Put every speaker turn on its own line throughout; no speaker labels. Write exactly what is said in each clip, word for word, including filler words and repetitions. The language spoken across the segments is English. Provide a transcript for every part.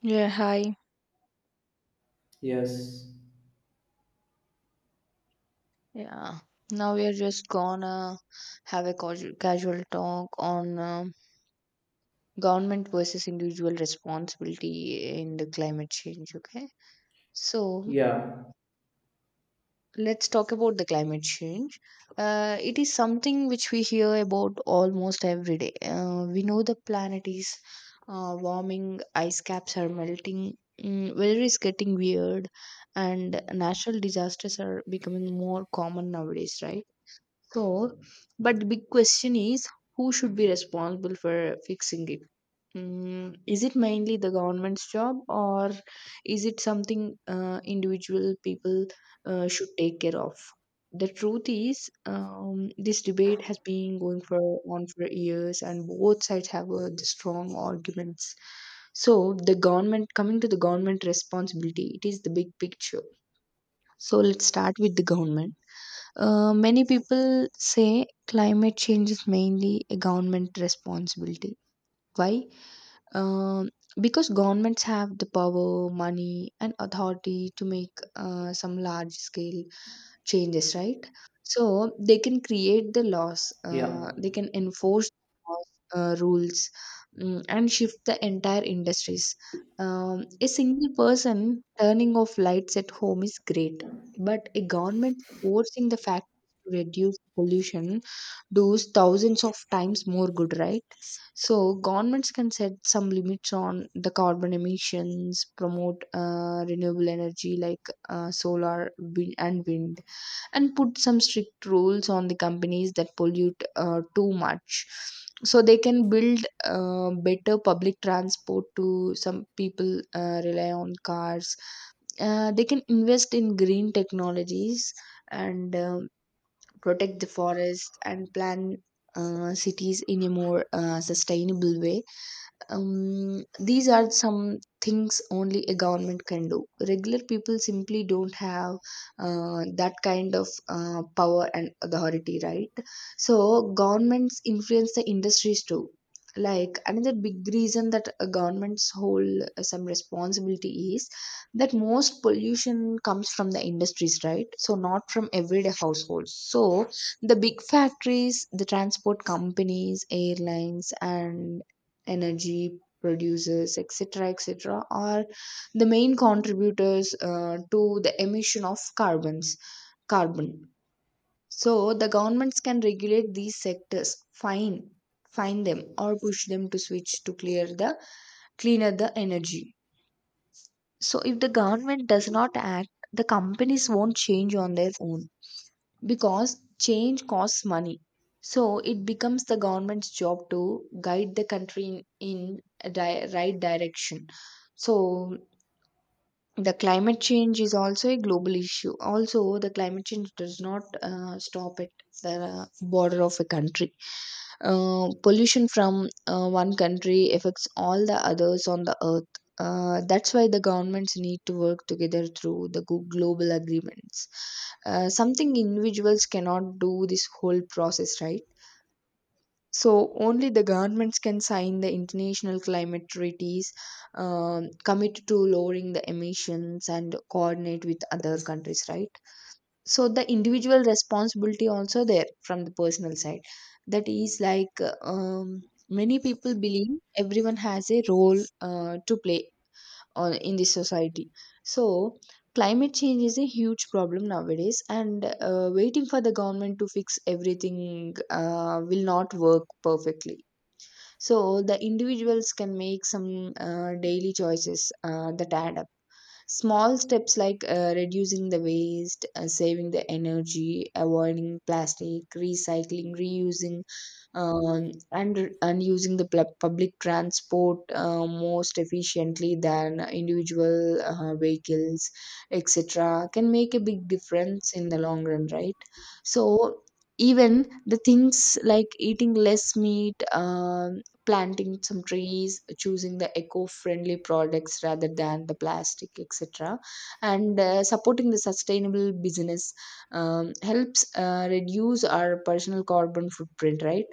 Yeah, hi.
Yes.
Yeah. Now we are just gonna have a casual, casual talk on um, government versus individual responsibility in the climate change, okay? So
Yeah.
let's talk about the climate change. Uh, it is something which we hear about almost every day. Uh, we know the planet is uh, warming, ice caps are melting, mm, weather is getting weird, and natural disasters are becoming more common nowadays, right? So, but the big question is who should be responsible for fixing it? Mm, is it mainly the government's job, or is it something uh, individual people uh, should take care of? The truth is, um, this debate has been going for on for years, and both sides have uh, the strong arguments. So, the government, coming to the government responsibility, it is the big picture. So, let's start with the government uh, many people say climate change is mainly a government responsibility. Why? Um, because governments have the power, money, and authority to make uh, some large scale changes, right? So they can create the laws.
Yeah.
Uh, they can enforce laws, uh, rules, mm, and shift the entire industries. Um, a single person turning off lights at home is great, but a government forcing the factories to reduce pollution does thousands of times more good, right? So governments can set some limits on the carbon emissions, promote uh, renewable energy like uh, solar, wind, and wind and put some strict rules on the companies that pollute uh, too much. So they can build uh, better public transport. To some people uh, rely on cars. Uh, they can invest in green technologies, and um protect the forest and plan uh, cities in a more uh, sustainable way. Um, these are some things only a government can do. Regular people simply don't have uh, that kind of uh, power and authority, right? So governments influence the industries too. Like, another big reason that a governments hold uh, some responsibility is that most pollution comes from the industries, right? So not from everyday households. So the big factories, the transport companies, airlines, and energy producers, etc., etc., are the main contributors uh, to the emission of carbons carbon So the governments can regulate these sectors, fine fine them, or push them to switch to clear the cleaner the energy. So if the government does not act, the companies won't change on their own, because change costs money. So it becomes the government's job to guide the country in, in a di- right direction. So the climate change is also a global issue. Also, the climate change does not uh, stop at the uh, border of a country. Uh, pollution from uh, one country affects all the others on the earth. Uh, that's why the governments need to work together through the glo- global agreements, uh, something individuals cannot do this whole process, right? So only the governments can sign the international climate treaties, um, commit to lowering the emissions, and coordinate with other countries, right? So the individual responsibility also there from the personal side. That is like, uh, um, many people believe everyone has a role uh, to play on, in this society. So climate change is a huge problem nowadays, and uh, waiting for the government to fix everything uh, will not work perfectly. So the individuals can make some uh, daily choices uh, that add up. Small steps like uh, reducing the waste, uh, saving the energy, avoiding plastic, recycling, reusing, um, and and using the pl- public transport uh, most efficiently than individual uh, vehicles, et cetera, can make a big difference in the long run, right? So even the things like eating less meat, um planting some trees, choosing the eco-friendly products rather than the plastic, etc., and uh, supporting the sustainable business um, helps uh, reduce our personal carbon footprint, right?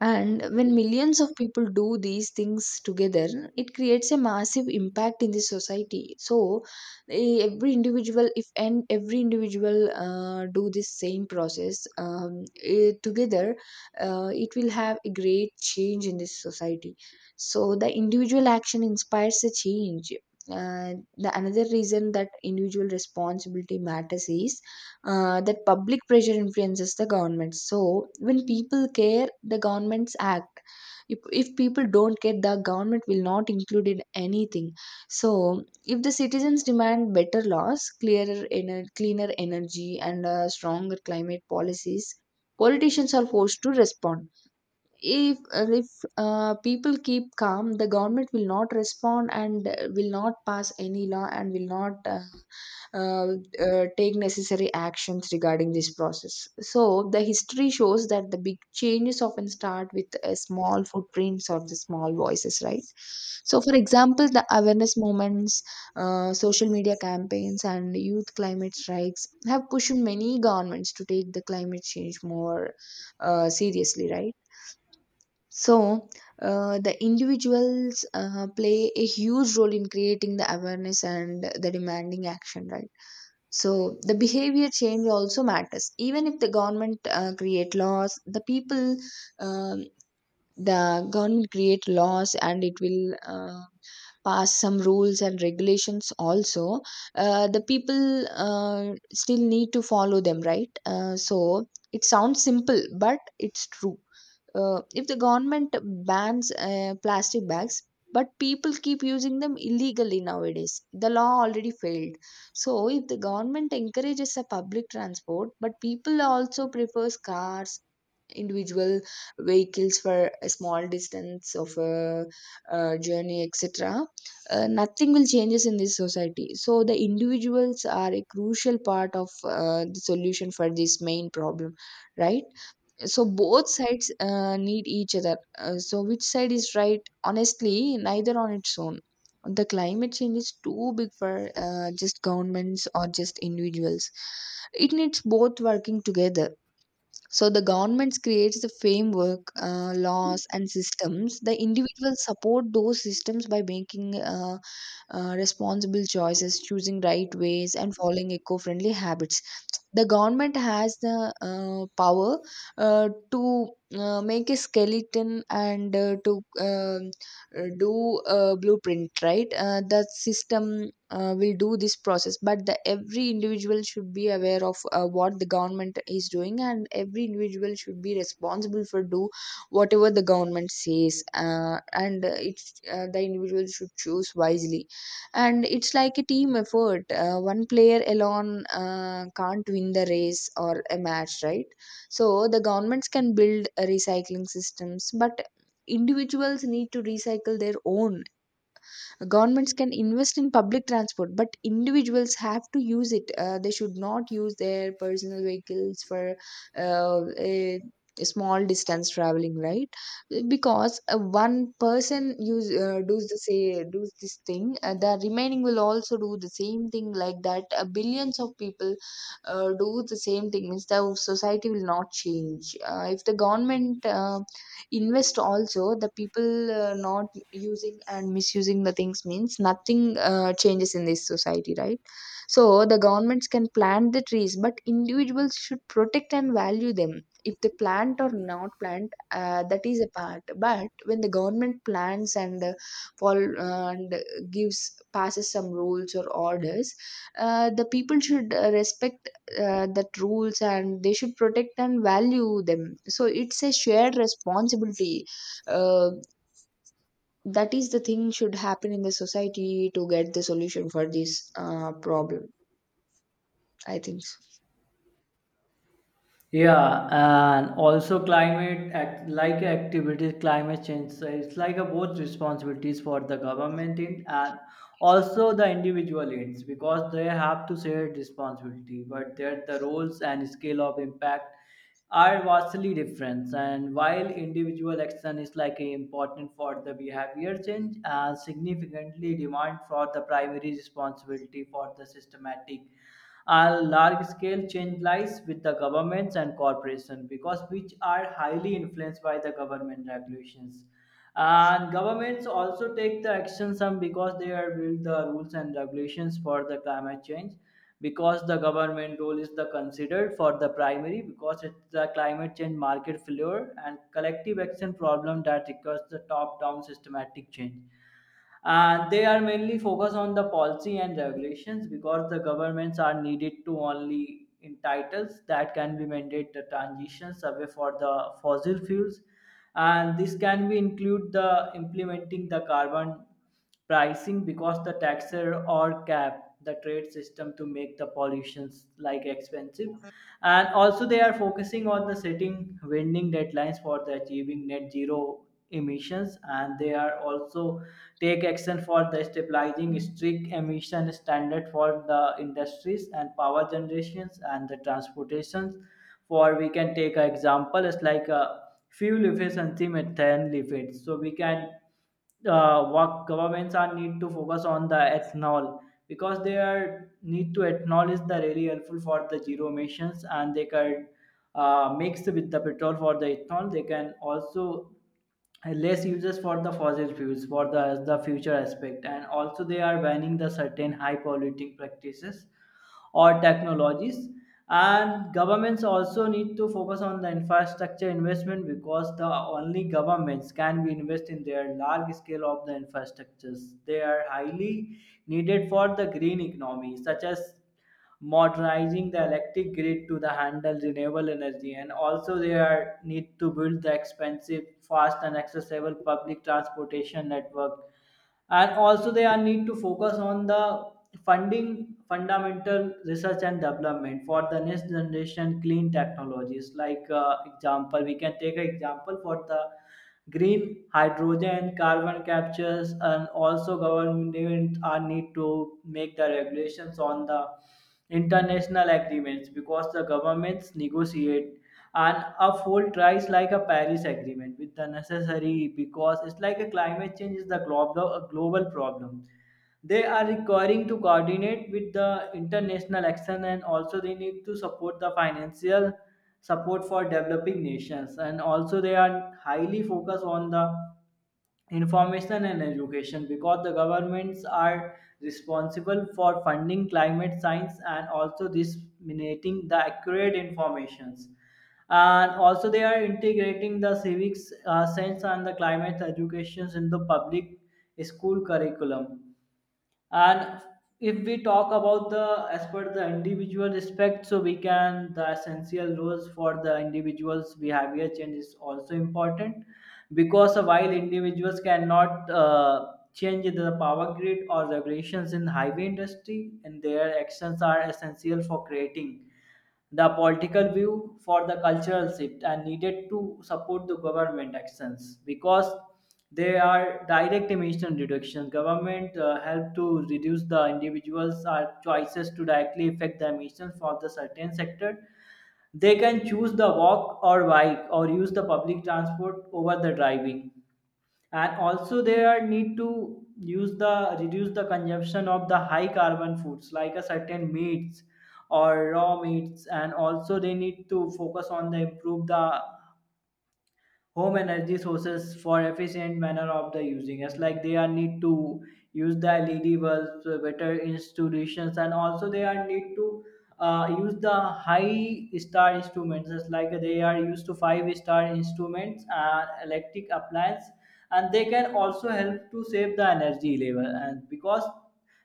And when millions of people do these things together, it creates a massive impact in the society. So eh, every individual, if and every individual uh, do this same process, um, eh, together, uh, it will have a great change in this society. So the individual action inspires a change. Uh, the another reason that individual responsibility matters is uh, that public pressure influences the government. So when people care, the governments act. If, if people don't care, the government will not include in anything. So if the citizens demand better laws, clearer ener- cleaner energy, and uh, stronger climate policies, politicians are forced to respond. If uh, if uh, people keep calm, the government will not respond, and uh, will not pass any law, and will not uh, uh, uh, take necessary actions regarding this process. So the history shows that the big changes often start with uh, small footprints or the small voices, right? So, for example, the awareness movements, uh, social media campaigns, and youth climate strikes have pushed many governments to take the climate change more uh, seriously, right? So, uh, the individuals uh, play a huge role in creating the awareness and the demanding action, right? So, the behavior change also matters. Even if the government uh, create laws, the people, um, the government create laws, and it will uh, pass some rules and regulations also. Uh, the people uh, still need to follow them, right? Uh, so, it sounds simple, but it's true. Uh, if the government bans uh, plastic bags but people keep using them illegally nowadays, the law already failed. So if the government encourages a public transport but people also prefers cars, individual vehicles for a small distance of a, uh journey, etc., uh, nothing will changes in this society. So the individuals are a crucial part of uh, the solution for this main problem, right? So both sides uh, need each other. Uh, so which side is right? Honestly, neither on its own. The climate change is too big for uh, just governments or just individuals. It needs both working together. So the governments creates the framework, uh, laws, and systems. The individuals support those systems by making uh, uh, responsible choices, choosing right ways, and following eco-friendly habits. The government has the uh, power uh, to uh, make a skeleton, and uh, to um, uh, do a blueprint, right? Uh, the system uh, will do this process, but the every individual should be aware of uh, what the government is doing, and every individual should be responsible for do whatever the government says. Uh, and uh, It's uh, the individual should choose wisely. And it's like a team effort. Uh, one player alone uh, can't win the race or a match, right? So the governments can build uh, recycling systems, but individuals need to recycle their own. Governments can invest in public transport, but individuals have to use it. Uh, they should not use their personal vehicles for uh, a small distance traveling, right? Because uh, one person use uh, does the say does this thing, uh, the remaining will also do the same thing. Like that, uh, billions of people uh, do the same thing means the society will not change. Uh, if the government uh, invest also, the people uh, not using and misusing the things means nothing uh, changes in this society, right? So the governments can plant the trees, but individuals should protect and value them. If they plant or not plant, uh, that is a part. But when the government plants and uh, fol- uh, and gives passes some rules or orders, uh, the people should uh, respect uh, that rules, and they should protect and value them. So it's a shared responsibility, uh, that is the thing should happen in the society to get the solution for this uh, problem, I think so.
Yeah. And also climate act like activities, climate change. So it's like a both responsibilities for the government in and also the individual ends, because they have to share responsibility, but their the roles and scale of impact are vastly different. And while individual action is like a important for the behavior change and significantly demand for the primary responsibility for the systematic and large scale change lies with the governments and corporations, because which are highly influenced by the government regulations. And governments also take the action some because they are build the rules and regulations for the climate change, because the government role is the considered for the primary because it's the climate change market failure and collective action problem that requires the top down systematic change. And they are mainly focused on the policy and regulations because the governments are needed to only entitles that can be mandate the transitions away for the fossil fuels. And this can be include the implementing the carbon pricing because the taxer or cap the trade system to make the pollutions like expensive. And also they are focusing on the setting winding deadlines for the achieving net zero emissions, and they are also take action for the stabilizing strict emission standard for the industries and power generations and the transportations. For we can take an example, it's like uh, fuel efficiency methane leakage. So we can, uh, what governments are need to focus on the ethanol, because they are need to ethanol is the really helpful for the zero emissions, and they can uh, mix with the petrol for the ethanol. They can also uh, less uses for the fossil fuels for the the future aspect. And also they are banning the certain high polluting practices or technologies. And governments also need to focus on the infrastructure investment, because the only governments can be invest in their large scale of the infrastructures they are highly needed for the green economy, such as modernizing the electric grid to the handle renewable energy. And also they are need to build the expensive fast and accessible public transportation network. And also they are need to focus on the funding fundamental research and development for the next generation clean technologies, like uh, example, we can take an example for the green hydrogen carbon captures. And also government are need to make the regulations on the international agreements, because the governments negotiate and uphold tries like a Paris agreement with the necessary, because it's like a climate change is the global a global problem. They are requiring to coordinate with the international action, and also they need to support the financial support for developing nations. And also they are highly focused on the information and education, because the governments are responsible for funding climate science, and also disseminating the accurate informations, and also they are integrating the civics uh, science and the climate educations in the public school curriculum. And if we talk about the as per the individual respect, so we can the essential rules for the individuals behavior change is also important, because while individuals cannot uh, change the power grid or regulations in highway industry, and their actions are essential for creating the political view for the cultural shift and needed to support the government actions, because they are direct emission reduction. Government uh, help to reduce the individuals' are choices to directly affect the emissions for the certain sector. They can choose the walk or bike or use the public transport over the driving. And also there need to use the reduce the consumption of the high carbon foods like a certain meats or raw meats. And also they need to focus on the improve the home energy sources for efficient manner of the using, it's like they are need to use the led bulbs, uh, better institutions. And also they are need to uh, use the high star instruments, it's like they are used to five star instruments and electric appliance, and they can also help to save the energy level. And because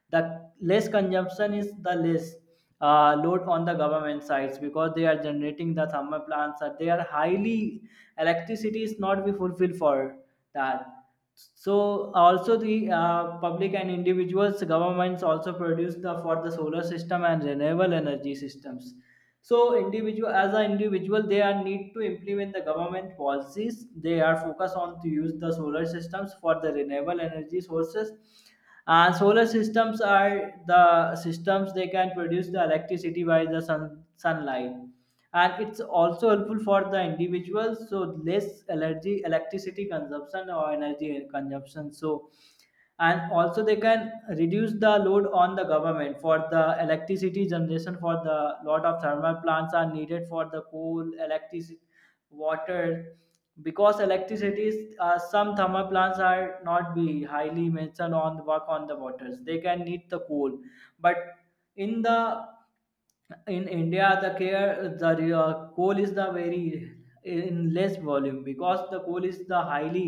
the less consumption is the less uh, load on the government sides, because they are generating the thermal plants that they are highly electricity is not be fulfilled for that. So also the uh, public and individuals governments also produce the for the solar system and renewable energy systems. So individual as an individual they are need to implement the government policies, they are focused on to use the solar systems for the renewable energy sources. And solar systems are the systems they can produce the electricity by the sun, sunlight. And it's also helpful for the individuals, so less energy, electricity consumption or energy consumption. So and also they can reduce the load on the government for the electricity generation for the lot of thermal plants are needed for the coal electricity water, because electricity is uh, some thermal plants are not be highly mentioned on the work on the waters, they can need the coal. But in the in India the care the uh, coal is the very in less volume, because the coal is the highly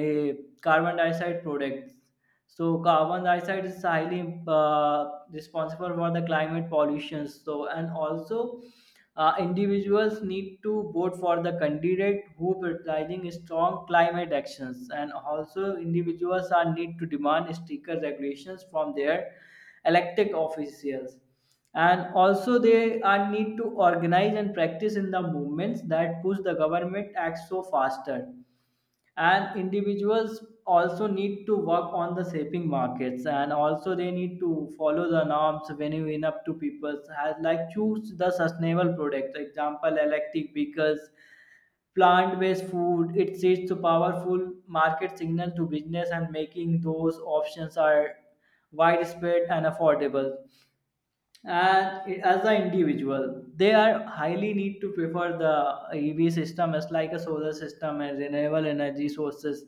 uh, carbon dioxide products. So carbon dioxide is highly uh, responsible for the climate pollution. So and also uh, individuals need to vote for the candidate who prioritizing strong climate actions. And also individuals are need to demand stricter regulations from their elected officials. And also they are need to organize and practice in the movements that push the government acts so faster. And individuals also need to work on the shaping markets, and also they need to follow the norms when you win up to people has like choose the sustainable products, example electric vehicles, plant-based food. It sends a powerful market signal to business and making those options are widespread and affordable. And as the individual they are highly need to prefer the EV system as like a solar system and renewable energy sources.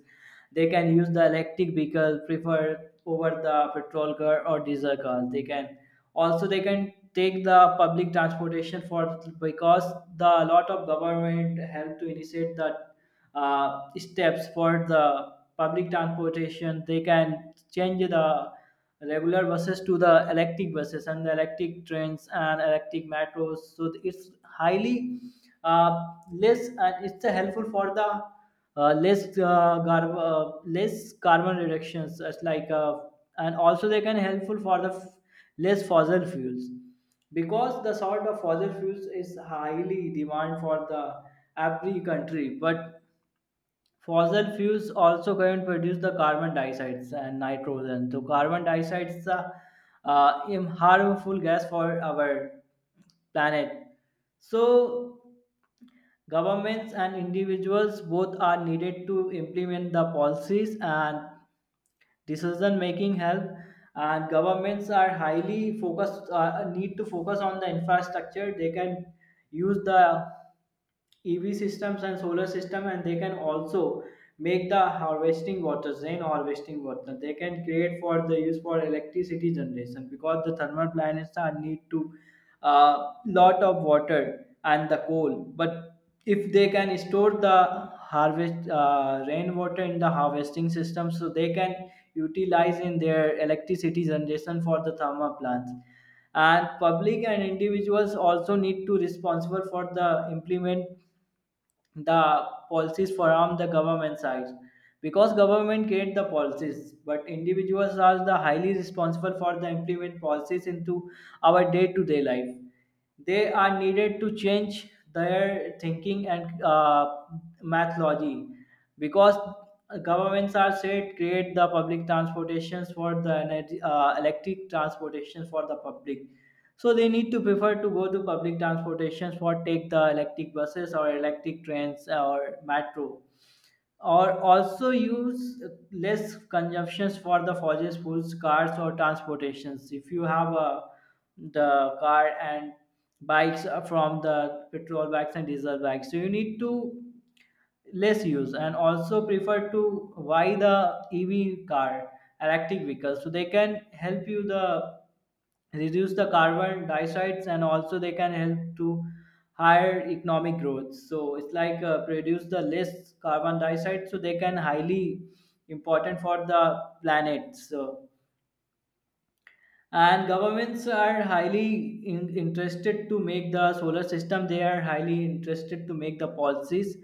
They can use the electric vehicle prefer over the petrol car or diesel car. They can also they can take the public transportation for, because the lot of government help to initiate the uh, steps for the public transportation. They can change the regular buses to the electric buses and the electric trains and electric metros, so th- it's highly uh, less, and it's uh, helpful for the uh, less uh, gar- uh, less carbon reductions, it's like uh, and also they can helpful for the f- less fossil fuels, because the sort of fossil fuels is highly demand for the every country. But fossil fuels also can produce the carbon dioxide and nitrogen. So carbon dioxide is a uh, im- harmful gas for our planet. So governments and individuals both are needed to implement the policies and decision making help. And governments are highly focused, uh, need to focus on the infrastructure. They can use the E V systems and solar system, and they can also make the harvesting water, rain harvesting water. They can create for the use for electricity generation, because the thermal plants are need to uh, lot of water and the coal. But if they can store the harvest uh, rainwater in the harvesting system, so they can utilize in their electricity generation for the thermal plants. And public and individuals also need to responsible for the implement the policies from the government side, because government create the policies but individuals are the highly responsible for the implement policies into our day-to-day life. They are needed to change their thinking and uh, methodology, because governments are said create the public transportations for the energy, uh, electric transportations for the public. So they need to prefer to go to public transportations for take the electric buses or electric trains or metro, or also use less consumptions for the fossil fuels cars or transportations. If you have a the car and bikes are from the petrol bikes and diesel bikes, so you need to less use and also prefer to buy the EV car, electric vehicles, so they can help you the reduce the carbon dioxide, and also they can help to higher economic growth. So it's like uh, produce the less carbon dioxide, so they can highly important for the planet. So and governments are highly in, interested to make the solar system. They are highly interested to make the policies.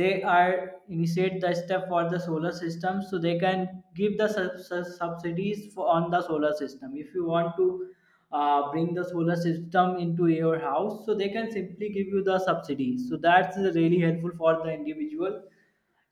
They are initiate the step for the solar system, so they can give the sub- sub- subsidies for, on the solar system. If you want to uh, bring the solar system into your house, so they can simply give you the subsidy, so that's really helpful for the individual.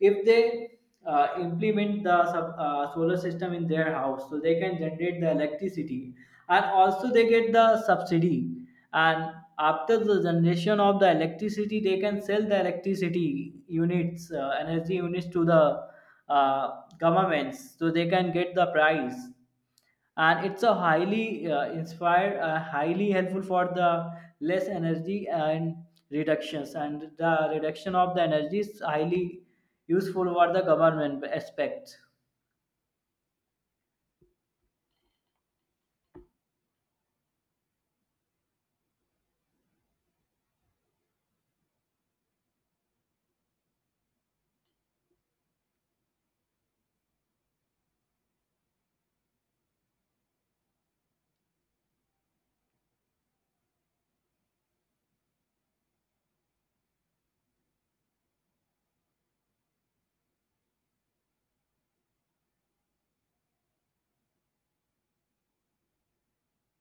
If they uh, implement the sub, uh, solar system in their house, so they can generate the electricity and also they get the subsidy. And after the generation of the electricity they can sell the electricity units, uh, energy units to the uh, governments, so they can get the price. And it's a highly uh, inspired uh, highly helpful for the less energy and reductions. And the reduction of the energy is highly useful for the government aspect.